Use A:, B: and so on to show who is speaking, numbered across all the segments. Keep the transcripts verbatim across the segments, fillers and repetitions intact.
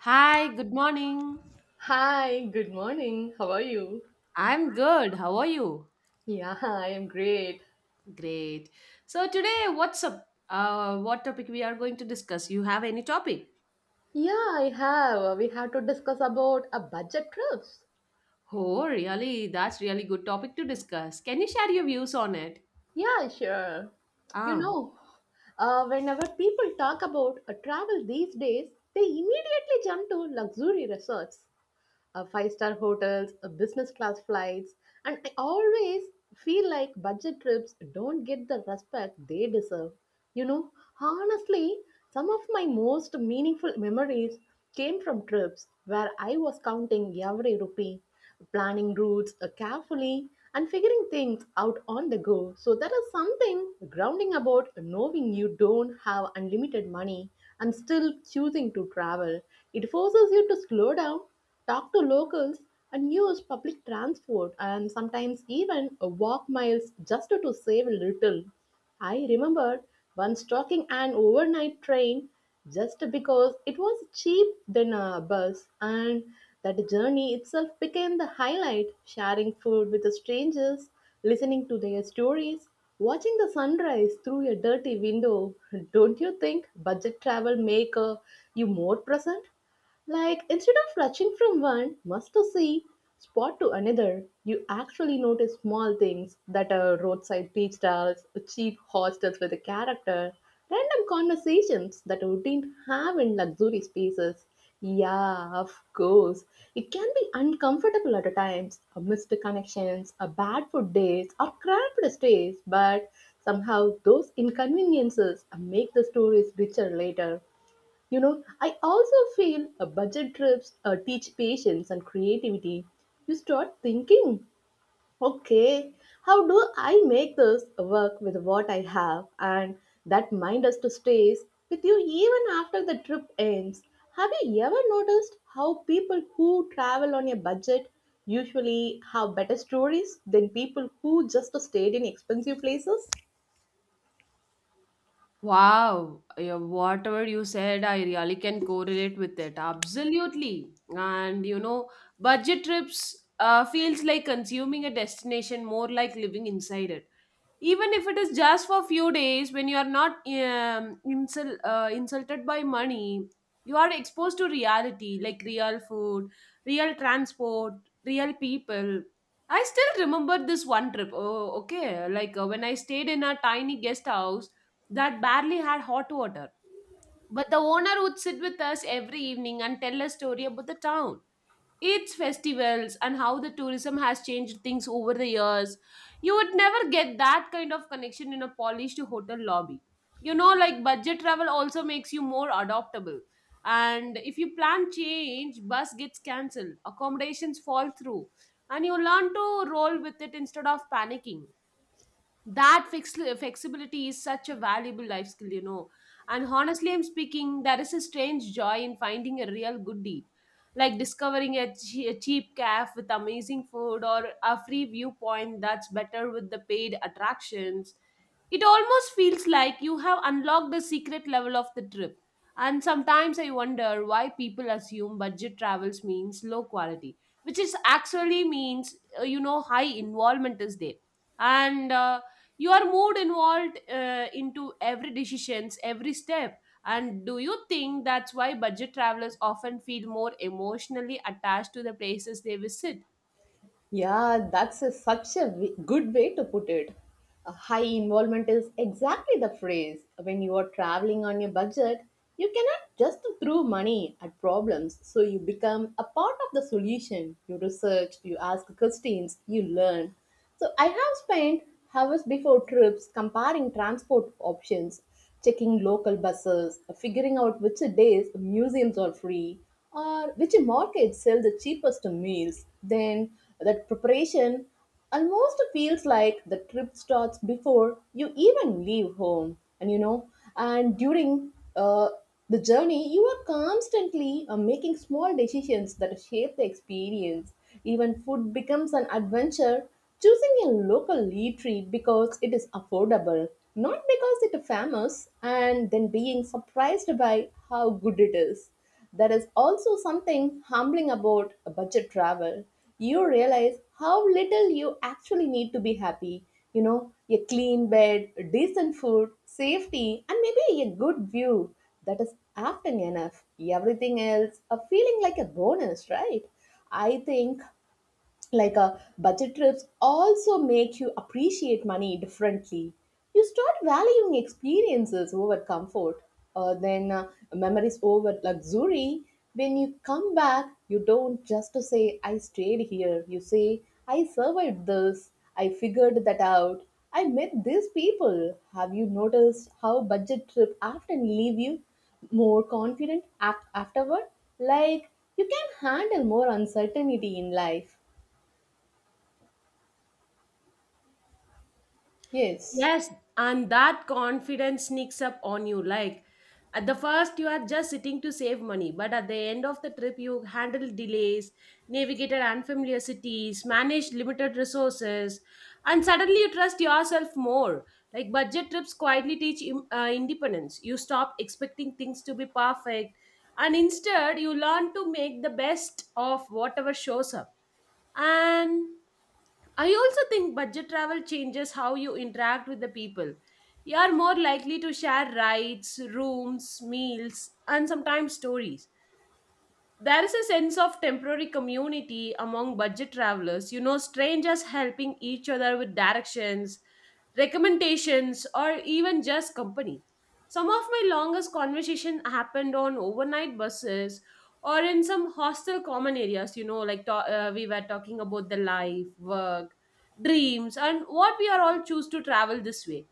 A: Hi, good morning.
B: Hi, good morning. How are you?
A: I'm good. How are you?
B: Yeah, I am great.
A: Great. So today, what's up? Uh, what topic we are going to discuss? You have any topic?
B: Yeah, I have. We have to discuss about a budget trips.
A: Oh, really? That's really good topic to discuss. Can you share your views on it?
B: Yeah, sure. You
A: Ah,
B: know, uh, whenever people talk about a travel these days, they immediately jump to luxury resorts. Uh, five star hotels, uh, business class flights, and I always feel like budget trips don't get the respect they deserve. You know, honestly, some of my most meaningful memories came from trips where I was counting every rupee, planning routes uh, carefully, and figuring things out on the go. So, there is something grounding about knowing you don't have unlimited money and still choosing to travel. It forces you to slow down talk to locals, and use public transport and sometimes even uh, walk miles just to save a little. I remember once taking an overnight train just because it was cheap than a bus, and that journey itself became the highlight sharing food with the strangers, listening to their stories. Watching the sunrise through a dirty window, don't you think budget travel make uh, you more present? Like, instead of rushing from one must to see spot to another, you actually notice small things that are roadside tea stalls, cheap hostels with a character, random conversations that you didn't have in luxury spaces. Yeah, of course. It can be uncomfortable at times, a missed connections, a bad food days, or cramped stays, but somehow those inconveniences make the stories richer later. You know, I also feel a budget trips uh, teach patience and creativity. You start thinking, okay, how do I make this work with what I have? And that mind us to stays with you even after the trip ends. Have you ever noticed how people who travel on a budget usually have better stories than people who just stayed in expensive places?
A: wow. Yeah, whatever you said, I really can correlate with it. Absolutely. And you know, budget trips uh, feels like consuming a destination, more like living inside it. Even if it is just for few days, when you are not um, insul- uh, insulted by money, you are exposed to reality, like real food, real transport, real people. I still remember this one trip. Oh, okay, like uh, when I stayed in a tiny guest house that barely had hot water, but the owner would sit with us every evening and tell a story about the town, its festivals, and how the tourism has changed things over the years. You would never get that kind of connection in a polished hotel lobby. You know, like budget travel also makes you more adaptable. And if you plan change, bus gets cancelled, accommodations fall through, and you learn to roll with it instead of panicking. That flex- flexibility is such a valuable life skill, you know. And honestly, I'm speaking, there is a strange joy in finding a real good deal, like discovering a, che- a cheap cafe with amazing food, or a free viewpoint that's better with the paid attractions. It almost feels like you have unlocked the secret level of the trip. And sometimes I wonder why people assume budget travels means low quality, which is actually means uh, you know, high involvement is there. And uh, your mood involved uh, into every decisions, every step. And do you think that's why budget travelers often feel more emotionally attached to the places they visit?
B: Yeah, that's a, such a w- good way to put it. A high involvement is exactly the phrase. When you are traveling on your budget, you cannot just throw money at problems. So you become a part of the solution. You research, you ask questions, you learn. So I have spent hours before trips comparing transport options, checking local buses, figuring out which days museums are free, or which markets sell the cheapest meals. Then that preparation almost feels like the trip starts before you even leave home. And you know, and during uh, the journey, you are constantly uh, making small decisions that shape the experience. Even food becomes an adventure. Choosing a local eatery because it is affordable, not because it is famous, and then being surprised by how good it is. There is also something humbling about a budget travel. You realize how little you actually need to be happy. You know, a clean bed, decent food, safety, and maybe a good view. That is often enough. Everything else, a feeling like a bonus, right? I think, like uh, budget trips also make you appreciate money differently. You start valuing experiences over comfort, uh, then uh, memories over luxury. When you come back, you don't just to say I stayed here. You say, I survived this, I figured that out, I met these people. Have you noticed how budget trip often leave you more confident af- afterward, like you can handle more uncertainty in life? Yes.
A: Yes, and that confidence sneaks up on you. Like at the first, you are just sitting to save money, but at the end of the trip, you handle delays, navigated unfamiliar cities, managed limited resources, and suddenly you trust yourself more. Like budget trips quietly teach im- uh, independence. You stop expecting things to be perfect, and instead, you learn to make the best of whatever shows up. And I also think budget travel changes how you interact with the people. You are more likely to share rides, rooms, meals, and sometimes stories. There is a sense of temporary community among budget travelers, you know, strangers helping each other with directions, recommendations, or even just company. Some of my longest conversation happened on overnight buses or in some hostel common areas, you know, like to- uh, we were talking about the life, work, dreams, and what we are all choose to travel this way.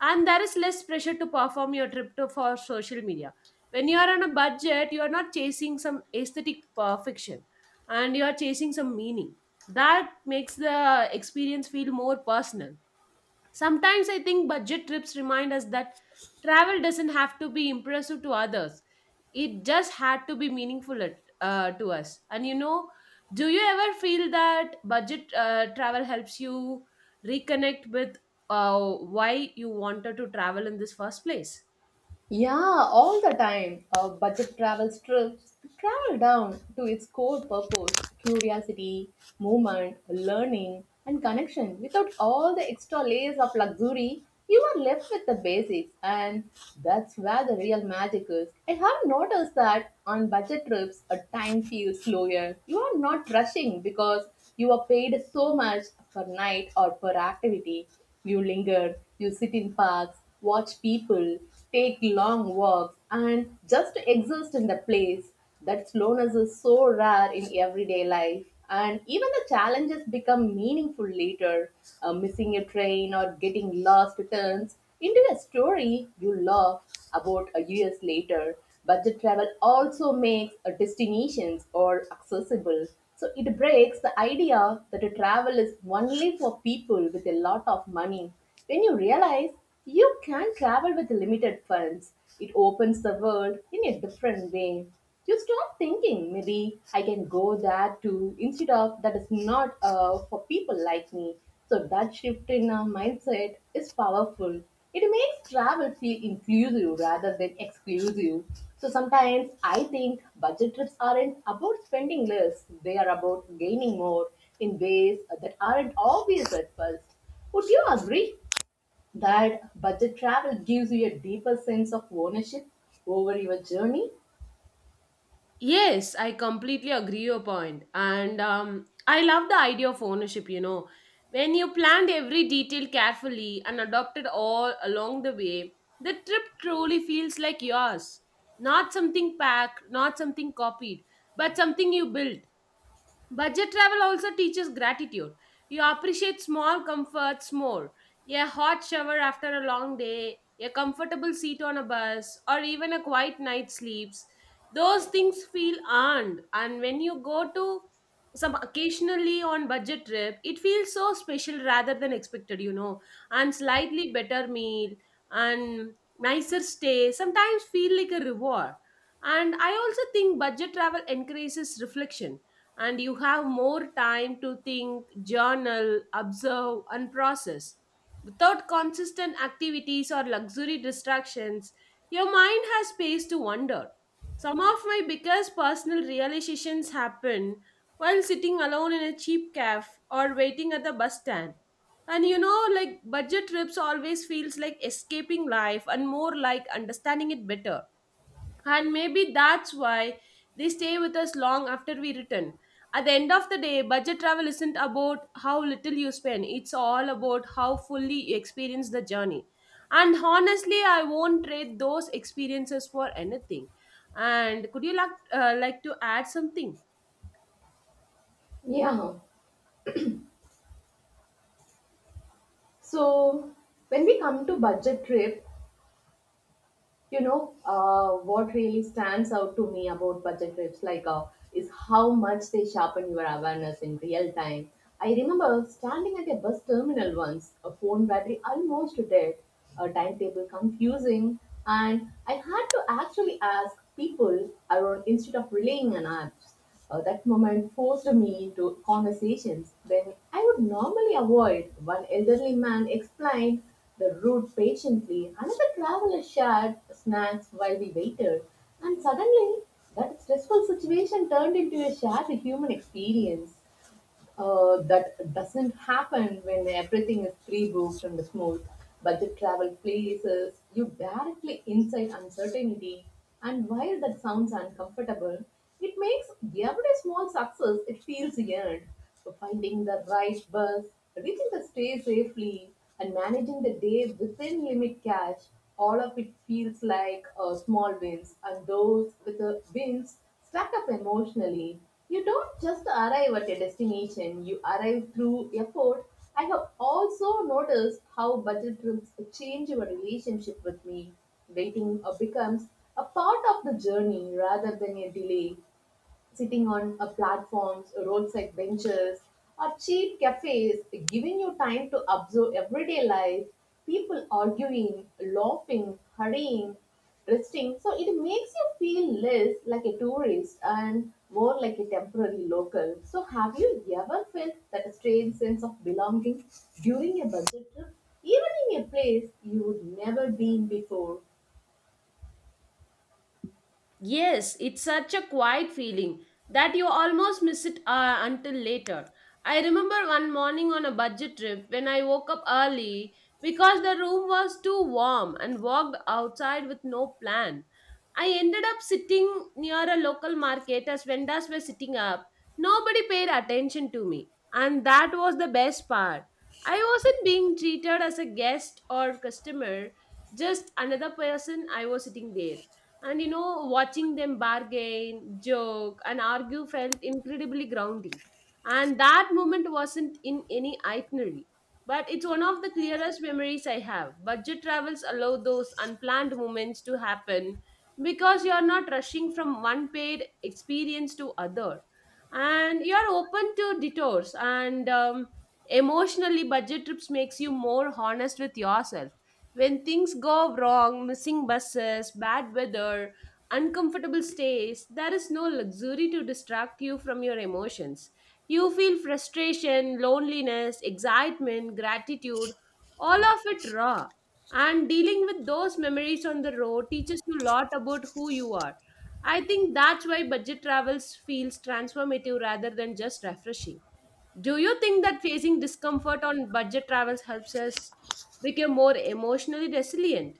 A: And there is less pressure to perform your trip to, for social media. When you are on a budget, you are not chasing some aesthetic perfection, and you are chasing some meaning. That makes the experience feel more personal. Sometimes I think budget trips remind us that travel doesn't have to be impressive to others, it just had to be meaningful at, uh, to us. And you know, do you ever feel that budget uh, travel helps you reconnect with uh, why you wanted to travel in this first place?
B: Yeah, all the time. A budget travel strips travel down to its core purpose curiosity, movement, learning, and connection. Without all the extra layers of luxury, you are left with the basics, and that's where the real magic is. I have noticed that on budget trips, a time feels slower. You are not rushing because you are paid so much per night or per activity. You linger, you sit in parks, watch people, take long walks, and just exist in the place. That slowness is so rare in everyday life, and even the challenges become meaningful later. Uh, missing a train or getting lost turns into a story you love about a years later. Budget travel also makes uh, destinations or accessible. So it breaks the idea that a travel is only for people with a lot of money. When you realize you can travel with limited funds, it opens the world in a different way. You stop thinking, maybe I can go there too, instead of that is not uh, for people like me. So that shift in our mindset is powerful. It makes travel feel inclusive rather than exclusive. So sometimes I think budget trips aren't about spending less, they are about gaining more in ways that aren't obvious at first. Would you agree that budget travel gives you a deeper sense of ownership over your journey?
A: Yes, I completely agree your point. And um, I love the idea of ownership, you know. When you planned every detail carefully and adopted all along the way, the trip truly feels like yours. Not something packed, not something copied, but something you built. Budget travel also teaches gratitude. You appreciate small comforts more. A hot shower after a long day, a comfortable seat on a bus, or even a quiet night's sleeps. Those things feel earned. And when you go to some occasionally on budget trip, it feels so special rather than expected, you know. And slightly better meal and nicer stay sometimes feel like a reward. And I also think budget travel encourages reflection, and you have more time to think, journal, observe, and process. Without consistent activities or luxury distractions, your mind has space to wander. Some of my biggest personal realizations happen while sitting alone in a cheap cafe or waiting at the bus stand. And you know, like budget trips always feels like escaping life and more like understanding it better. And maybe that's why they stay with us long after we return. At the end of the day, budget travel isn't about how little you spend, it's all about how fully you experience the journey. And honestly, I won't trade those experiences for anything. And could you like, uh, like to add something?
B: Yeah. So when we come to budget trip, you know uh, what really stands out to me about budget trips, like uh, is how much they sharpen your awareness in real time. I remember standing at a bus terminal once, a phone battery almost dead, a timetable confusing, and I had to actually ask people around instead of relying on apps. Uh, that moment forced me into conversations then I would normally avoid. One elderly man explained the route patiently. Another traveler shared snacks while we waited, and suddenly that stressful situation turned into a shared human experience. Uh, that doesn't happen when everything is pre-booked and smooth. Budget travel places you directly inside uncertainty. And while that sounds uncomfortable, it makes every small success it feels earned. So finding the right bus, reaching the stay safely, and managing the day within limit cash, all of it feels like uh, small wins. And those with the wins stack up emotionally. You don't just arrive at a destination, you arrive through effort. I have also noticed how budget trips change your relationship with me. Waiting uh, becomes a part of the journey rather than a delay, sitting on a platforms, roadside benches, or cheap cafes, giving you time to observe everyday life, people arguing, laughing, hurrying, resting. So it makes you feel less like a tourist and more like a temporary local. So have you ever felt that strange sense of belonging during a budget trip, even in a place you'd never been before?
A: Yes, it's such a quiet feeling that you almost miss it uh, until later. I remember one morning on a budget trip when I woke up early because the room was too warm, and walked outside with no plan. I ended up sitting near a local market as vendors were sitting up. Nobody paid attention to me, and that was the best part. I wasn't being treated as a guest or customer, just another person I was sitting there. And you know, watching them bargain, joke, and argue felt incredibly grounding. And that moment wasn't in any itinerary, but it's one of the clearest memories I have. Budget travels allow those unplanned moments to happen because you're not rushing from one paid experience to other. And you're open to detours. And um, emotionally, budget trips makes you more honest with yourself. When things go wrong, missing buses, bad weather, uncomfortable stays, there is no luxury to distract you from your emotions. You feel frustration, loneliness, excitement, gratitude, all of it raw. And dealing with those memories on the road teaches you a lot about who you are. I think that's why budget travels feels transformative rather than just refreshing. Do you think that facing discomfort on budget travels helps us become more emotionally resilient?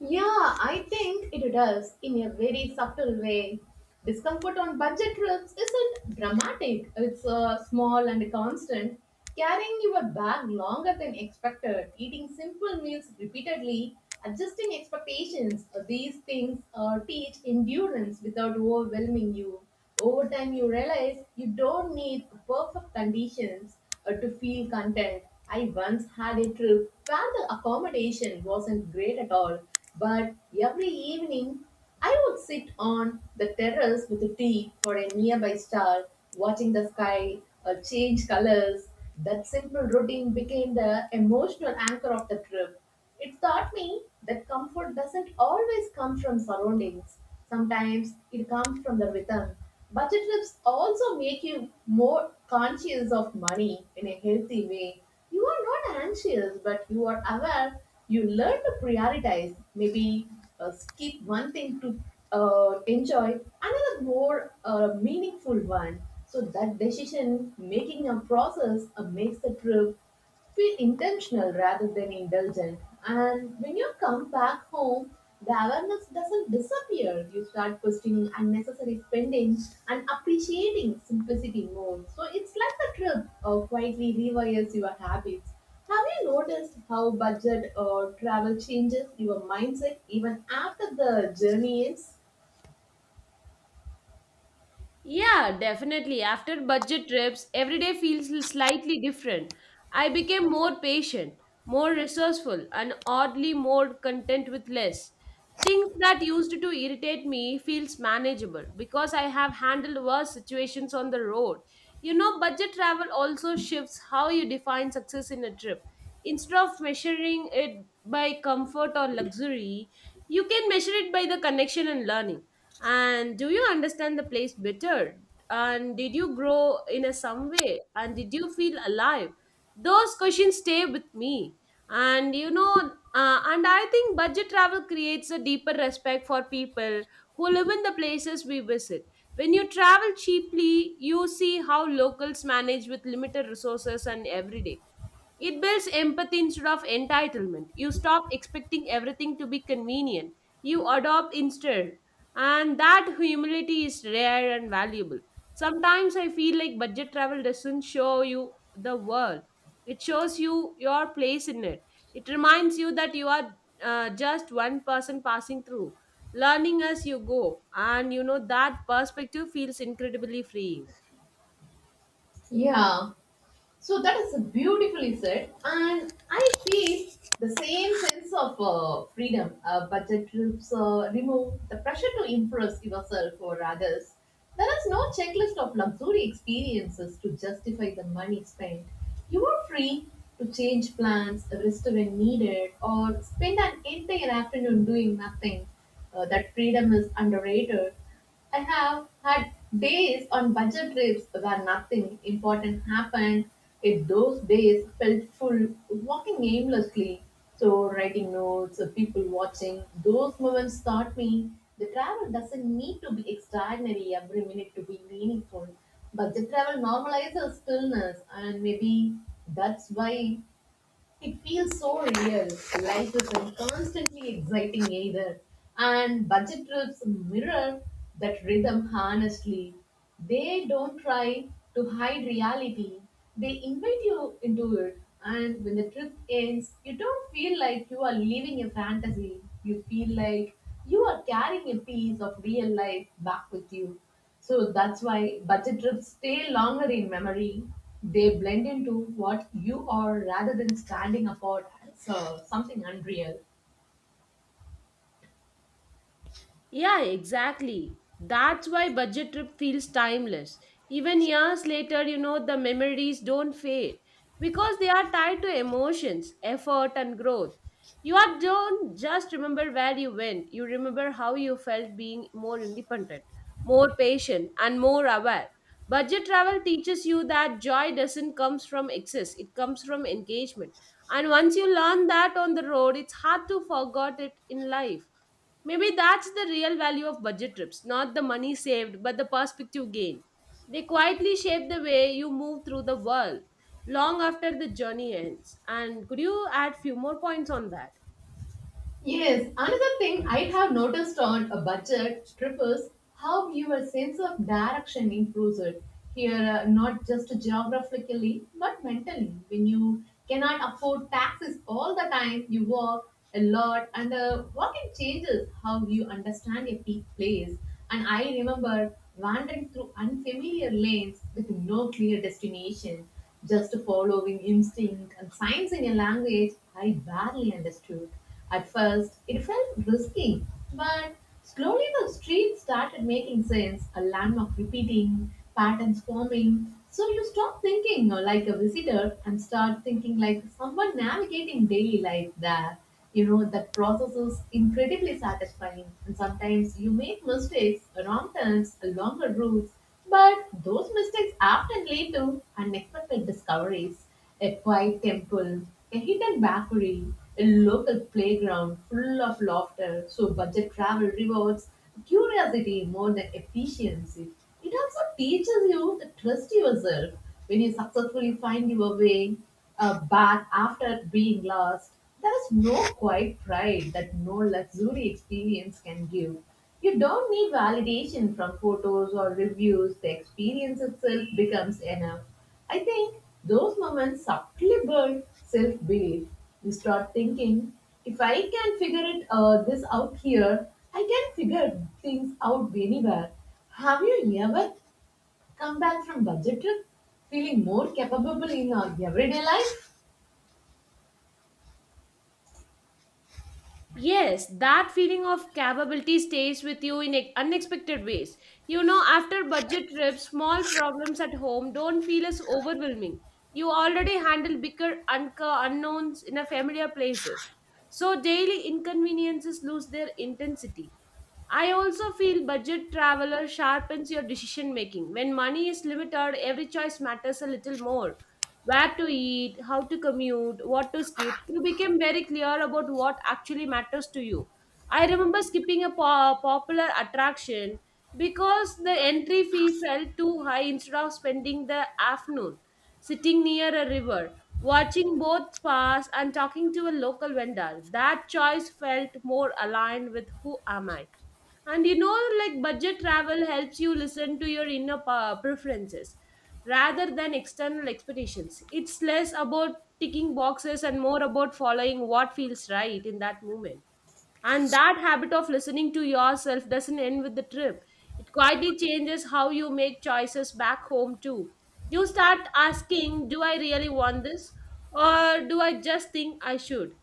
B: Yeah, I think it does in a very subtle way. Discomfort on budget trips isn't dramatic, it's uh, small and constant. Carrying your bag longer than expected, eating simple meals repeatedly, adjusting expectations, uh, these things uh, teach endurance without overwhelming you. Over time, you realize you don't need perfect conditions uh, to feel content. I once had a trip where the accommodation wasn't great at all, but every evening, I would sit on the terrace with a tea for a nearby star, watching the sky uh, change colors. That simple routine became the emotional anchor of the trip. It taught me that comfort doesn't always come from surroundings. Sometimes it comes from the rhythm. Budget trips also make you more conscious of money in a healthy way. You are not anxious, but you are aware. You learn to prioritize. Maybe uh, skip one thing to uh, enjoy another more uh, meaningful one. So that decision making a process uh, makes the trip feel intentional rather than indulgent. And when you come back home, the awareness doesn't disappear. You start questioning unnecessary spending and appreciating simplicity more. So it's like a trip or quietly rewires your habits. Have you noticed how budget or travel changes your mindset even after the journey ends?
A: Yeah, definitely. After budget trips, every day feels l- slightly different. I became more patient, more resourceful, and oddly more content with less. Things that used to irritate me feels manageable because I have handled worse situations on the road. You know, budget travel also shifts how you define success in a trip. Instead of measuring it by comfort or luxury, you can measure it by the connection and learning. And do you understand the place better? And did you grow in a some way? And did you feel alive? Those questions stay with me. And you know, uh, and I think budget travel creates a deeper respect for people who live in the places we visit. When you travel cheaply, you see how locals manage with limited resources and every day, it builds empathy instead of entitlement. You stop expecting everything to be convenient. You adopt instead. And that humility is rare and valuable. Sometimes I feel like budget travel doesn't show you the world, it shows you your place in it. It reminds you that you are uh, just one person passing through, learning as you go. And you know, that perspective feels incredibly freeing.
B: Yeah, so that is beautifully said, and I feel the same sense of uh, freedom. Uh, budget trips uh, remove the pressure to impress yourself or others. There is no checklist of luxury experiences to justify the money spent. You are free to change plans, rest when needed, or spend an entire afternoon doing nothing. Uh, that freedom is underrated. I have had days on budget trips where nothing important happened. It those days felt full, walking aimlessly. So writing notes, uh, people watching, those moments taught me the travel doesn't need to be extraordinary every minute to be meaningful. Budget travel normalizes stillness, and maybe that's why it feels so real. Life isn't constantly exciting either. And budget trips mirror that rhythm honestly. They don't try to hide reality, they invite you into it. And when the trip ends, you don't feel like you are living a fantasy. You feel like you are carrying a piece of real life back with you. So that's why budget trips stay longer in memory. They blend into what you are rather than standing apart as uh, something unreal.
A: Yeah, exactly. That's why budget trip feels timeless. Even years later, you know, the memories don't fade because they are tied to emotions, effort, and growth. You are don't just remember where you went, you remember how you felt, being more independent, more patient, and more aware. Budget travel teaches you that joy doesn't comes from excess, it comes from engagement. And once you learn that on the road, it's hard to forget it in life. Maybe that's the real value of budget trips, not the money saved, but the perspective gained. They quietly shape the way you move through the world long after the journey ends. And could you add few more points on that?
B: Yes, another thing I have noticed on a budget trip is how your sense of direction improves it. Here, uh, not just geographically, but mentally. When you cannot afford taxis all the time, you walk a lot, and uh, walking changes how you understand a peak place. And I remember wandering through unfamiliar lanes with no clear destination, just following instinct and signs in a language I barely understood. At first, it felt risky, but slowly the street started making sense, a landmark repeating, patterns forming. So you stop thinking uh, like a visitor and start thinking like someone navigating daily life there. You know, that process is incredibly satisfying, and sometimes you make mistakes, wrong turns, longer routes, but those mistakes often lead to unexpected discoveries: a quiet temple, a hidden bakery, a local playground full of laughter. So, budget travel rewards curiosity more than efficiency. It also teaches you to trust yourself when you successfully find your way uh, back after being lost. There is no quiet pride that no luxury experience can give. You don't need validation from photos or reviews, the experience itself becomes enough. I think those moments subtly build self belief. You start thinking, if I can figure it uh, this out here, I can figure things out anywhere. Have you ever come back from budget trip feeling more capable in your everyday life?
A: Yes, that feeling of capability stays with you in ex- unexpected ways. You know, after budget trips, small problems at home don't feel as overwhelming. You already handle bigger unco- unknowns in a familiar places. So daily inconveniences lose their intensity. I also feel budget traveler sharpens your decision making. When money is limited, every choice matters a little more. Where to eat, how to commute, what to skip, you became very clear about what actually matters to you. I remember skipping a po- popular attraction because the entry fee felt too high, instead of spending the afternoon sitting near a river, watching boats pass, and talking to a local vendor. That choice felt more aligned with who am I. And you know, like budget travel helps you listen to your inner pa- preferences rather than external expectations. It's less about ticking boxes and more about following what feels right in that moment. And that habit of listening to yourself doesn't end with the trip, it quietly changes how you make choices back home, too. You start asking, do I really want this? Or do I just think I should?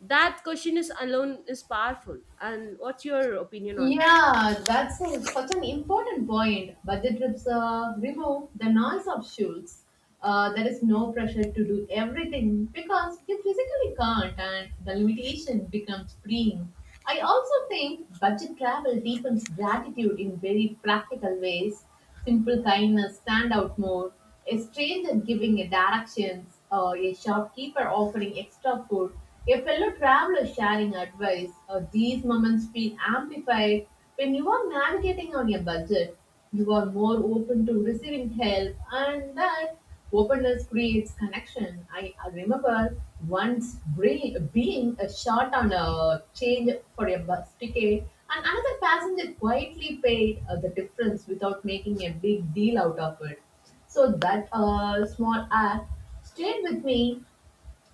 A: That question is alone is powerful. And what's your opinion on that?
B: Yeah, that's a- such an important point. Budget trips uh, remove the noise of schools. Uh, there is no pressure to do everything because you physically can't, and the limitation becomes freeing. I also think budget travel deepens gratitude in very practical ways. Simple kindness stand out more. A stranger giving a directions, or a shopkeeper offering extra food, a fellow traveler sharing advice. Uh, these moments feel amplified when you are navigating on a budget. You are more open to receiving help, and that openness creates connection. I I remember once bre- being a short on a change for a bus ticket, and another passenger quietly paid uh, the difference without making a big deal out of it. So that uh, small act stayed with me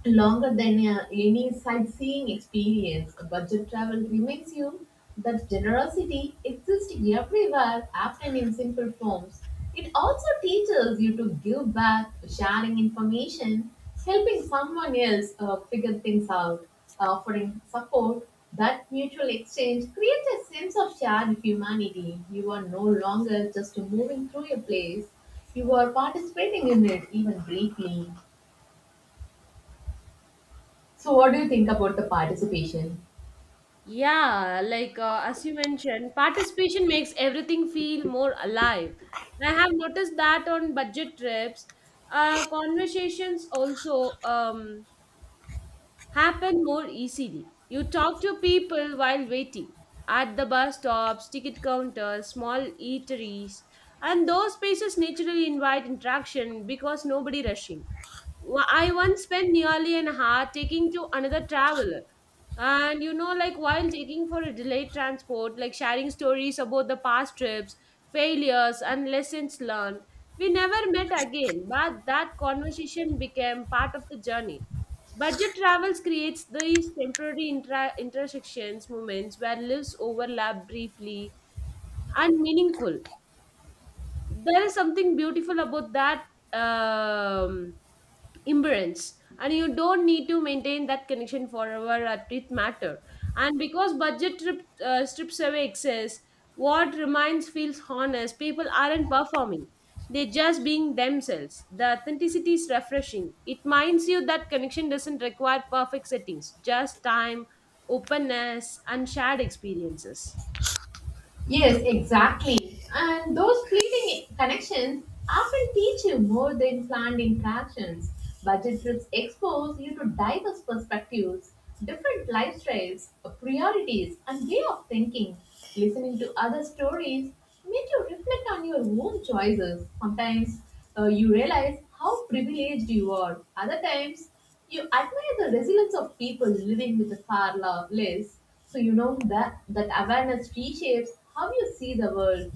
B: longer than uh, any sightseeing experience. Budget travel reminds you that generosity exists everywhere, often in simple forms. It also teaches you to give back, sharing information, helping someone else uh, figure things out, offering support. That mutual exchange creates a sense of shared humanity. You are no longer just moving through a place, you are participating in it, even briefly. So, what do you think about the participation?
A: Yeah, like uh, as you mentioned, participation makes everything feel more alive. And I have noticed that on budget trips, uh, conversations also um, happen more easily. You talk to people while waiting at the bus stops, ticket counters, small eateries, and those spaces naturally invite interaction because nobody rushing. Wa- I once spent nearly an hour taking to another traveler. And you know, like while taking for a delayed transport, like sharing stories about the past trips, failures, and lessons learned, we never met again, but that conversation became part of the journey. Budget travels creates these temporary intra- intersections moments where lives overlap briefly and meaningful. There is something beautiful about that um, imbalance, and you don't need to maintain that connection forever at it matter. And because budget trip, uh, strips away excess, what remains feels honest. People aren't performing, they're just being themselves. The authenticity is refreshing. It reminds you that connection doesn't require perfect settings, just time, openness, and shared experiences.
B: Yes, exactly. And those fleeting connections often teach you more than planned interactions. Budget trips expose you to diverse perspectives, different lifestyles, priorities, and way of thinking. Listening to other stories make you reflect reflect on your own choices. Sometimes uh, you realize how privileged you are. Other times, you admire the resilience of people living with a far lo- less. So you know that that awareness reshapes how you see the world.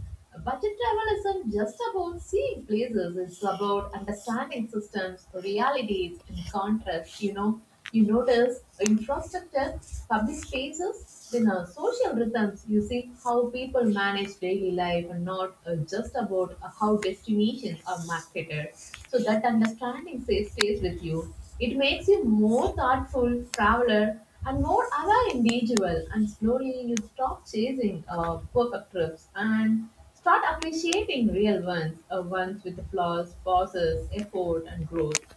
B: Budget travel isn't just about seeing places; it's about understanding systems, realities, and contrasts. You know, you notice infrastructure, public spaces, then uh, social rhythms. You see how people manage daily life and not uh, just about uh, how destinations are marketed. So that understanding stays, stays with you. It makes you more thoughtful traveler and more aware individual. And slowly you stop chasing uh, perfect trips and start appreciating real ones, uh, ones with flaws, pauses, effort, and growth.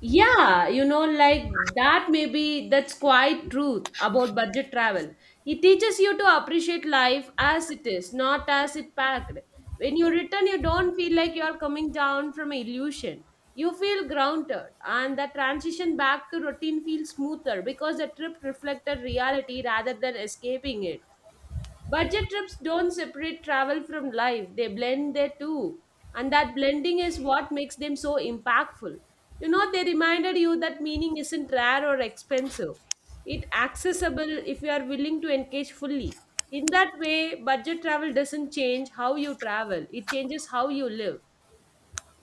A: Yeah, you know, like that may be that's quite truth about budget travel. It teaches you to appreciate life as it is, not as it packed. When you return, you don't feel like you are coming down from an illusion. You feel grounded, and the transition back to routine feels smoother because the trip reflected reality rather than escaping it. Budget trips don't separate travel from life, they blend the two. And that blending is what makes them so impactful. You know, they reminded you that meaning isn't rare or expensive. It's accessible if you are willing to engage fully. In that way, budget travel doesn't change how you travel. It changes how you live.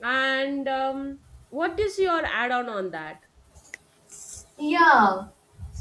A: And um, what is your add-on on on that?
B: Yeah.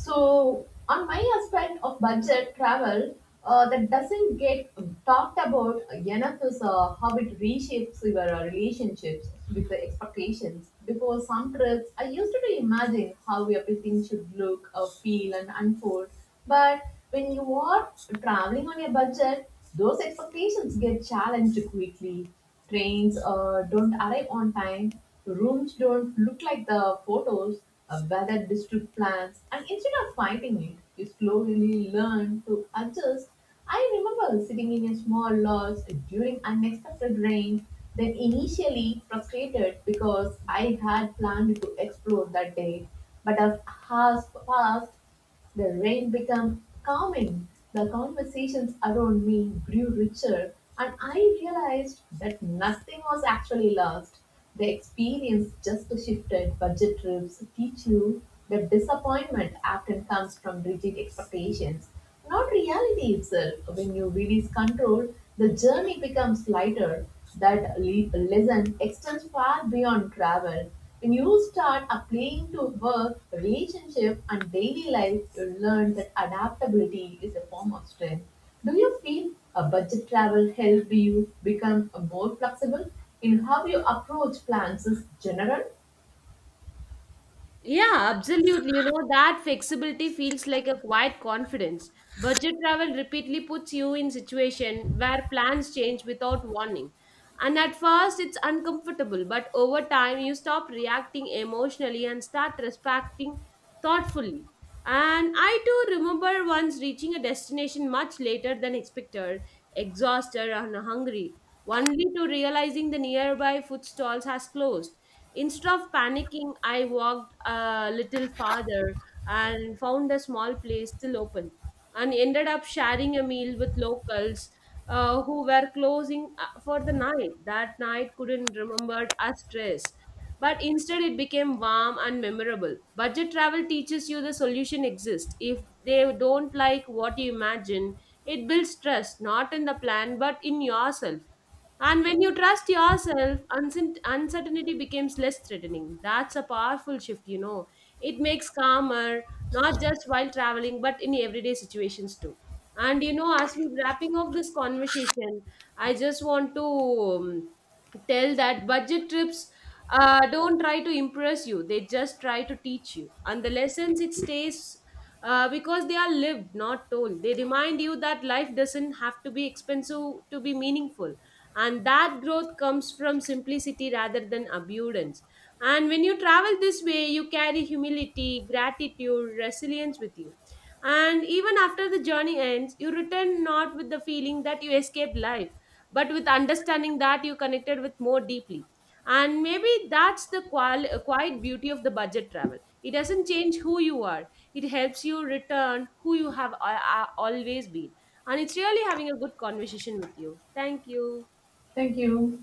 B: So, on my aspect of budget travel, uh, that doesn't get talked about enough is uh, how it reshapes your uh, relationships with the expectations. Before some trips, I used to imagine how everything should look, uh, feel, and unfold. But when you are traveling on a budget, those expectations get challenged quickly. Trains uh, don't arrive on time, rooms don't look like the photos, uh, weather district plans, and instead of fighting it, you slowly learn to adjust. I remember sitting in a small lodge during unexpected rain, then initially frustrated because I had planned to explore that day. But as hours passed, the rain became calming. The conversations around me grew richer, and I realized that nothing was actually lost. The experience just shifted. Budget trips teach you that disappointment often comes from rigid expectations, not reality itself. When you release control, the journey becomes lighter. That le- lesson extends far beyond travel. When you start applying to work, relationship, and daily life, you learn that adaptability is a form of strength. Do you feel a budget travel helped you become more flexible in how you approach plans in general?
A: Yeah, absolutely. You know, that flexibility feels like a quiet confidence. Budget travel repeatedly puts you in situation where plans change without warning. And at first it's uncomfortable, but over time you stop reacting emotionally and start respecting thoughtfully. And I too remember once reaching a destination much later than expected, exhausted and hungry, only to realizing the nearby food stalls has closed. Instead of panicking, I walked a little farther and found a small place still open and ended up sharing a meal with locals uh, who were closing uh, for the night. That night couldn't remembered as stress, but instead it became warm and memorable. Budget travel teaches you the solution exists. If they don't like what you imagine, it builds trust not in the plan but in yourself. And when you trust yourself, uncert- uncertainty becomes less threatening. That's a powerful shift, you know. It makes calmer, not just while traveling, but in everyday situations too. And you know, as we wrapping up this conversation, I just want to um, tell that budget trips uh, don't try to impress you; they just try to teach you. And the lessons it stays uh, because they are lived, not told. They remind you that life doesn't have to be expensive to be meaningful, and that growth comes from simplicity rather than abundance. And when you travel this way, you carry humility, gratitude, resilience with you, and even after the journey ends you return not with the feeling that you escaped life, but with understanding that you connected with more deeply. And maybe that's the qual- quiet beauty of the budget travel. It doesn't change who you are, it helps you return who you have uh, uh, always been. And it's really having a good conversation with you. Thank you.
B: Thank you.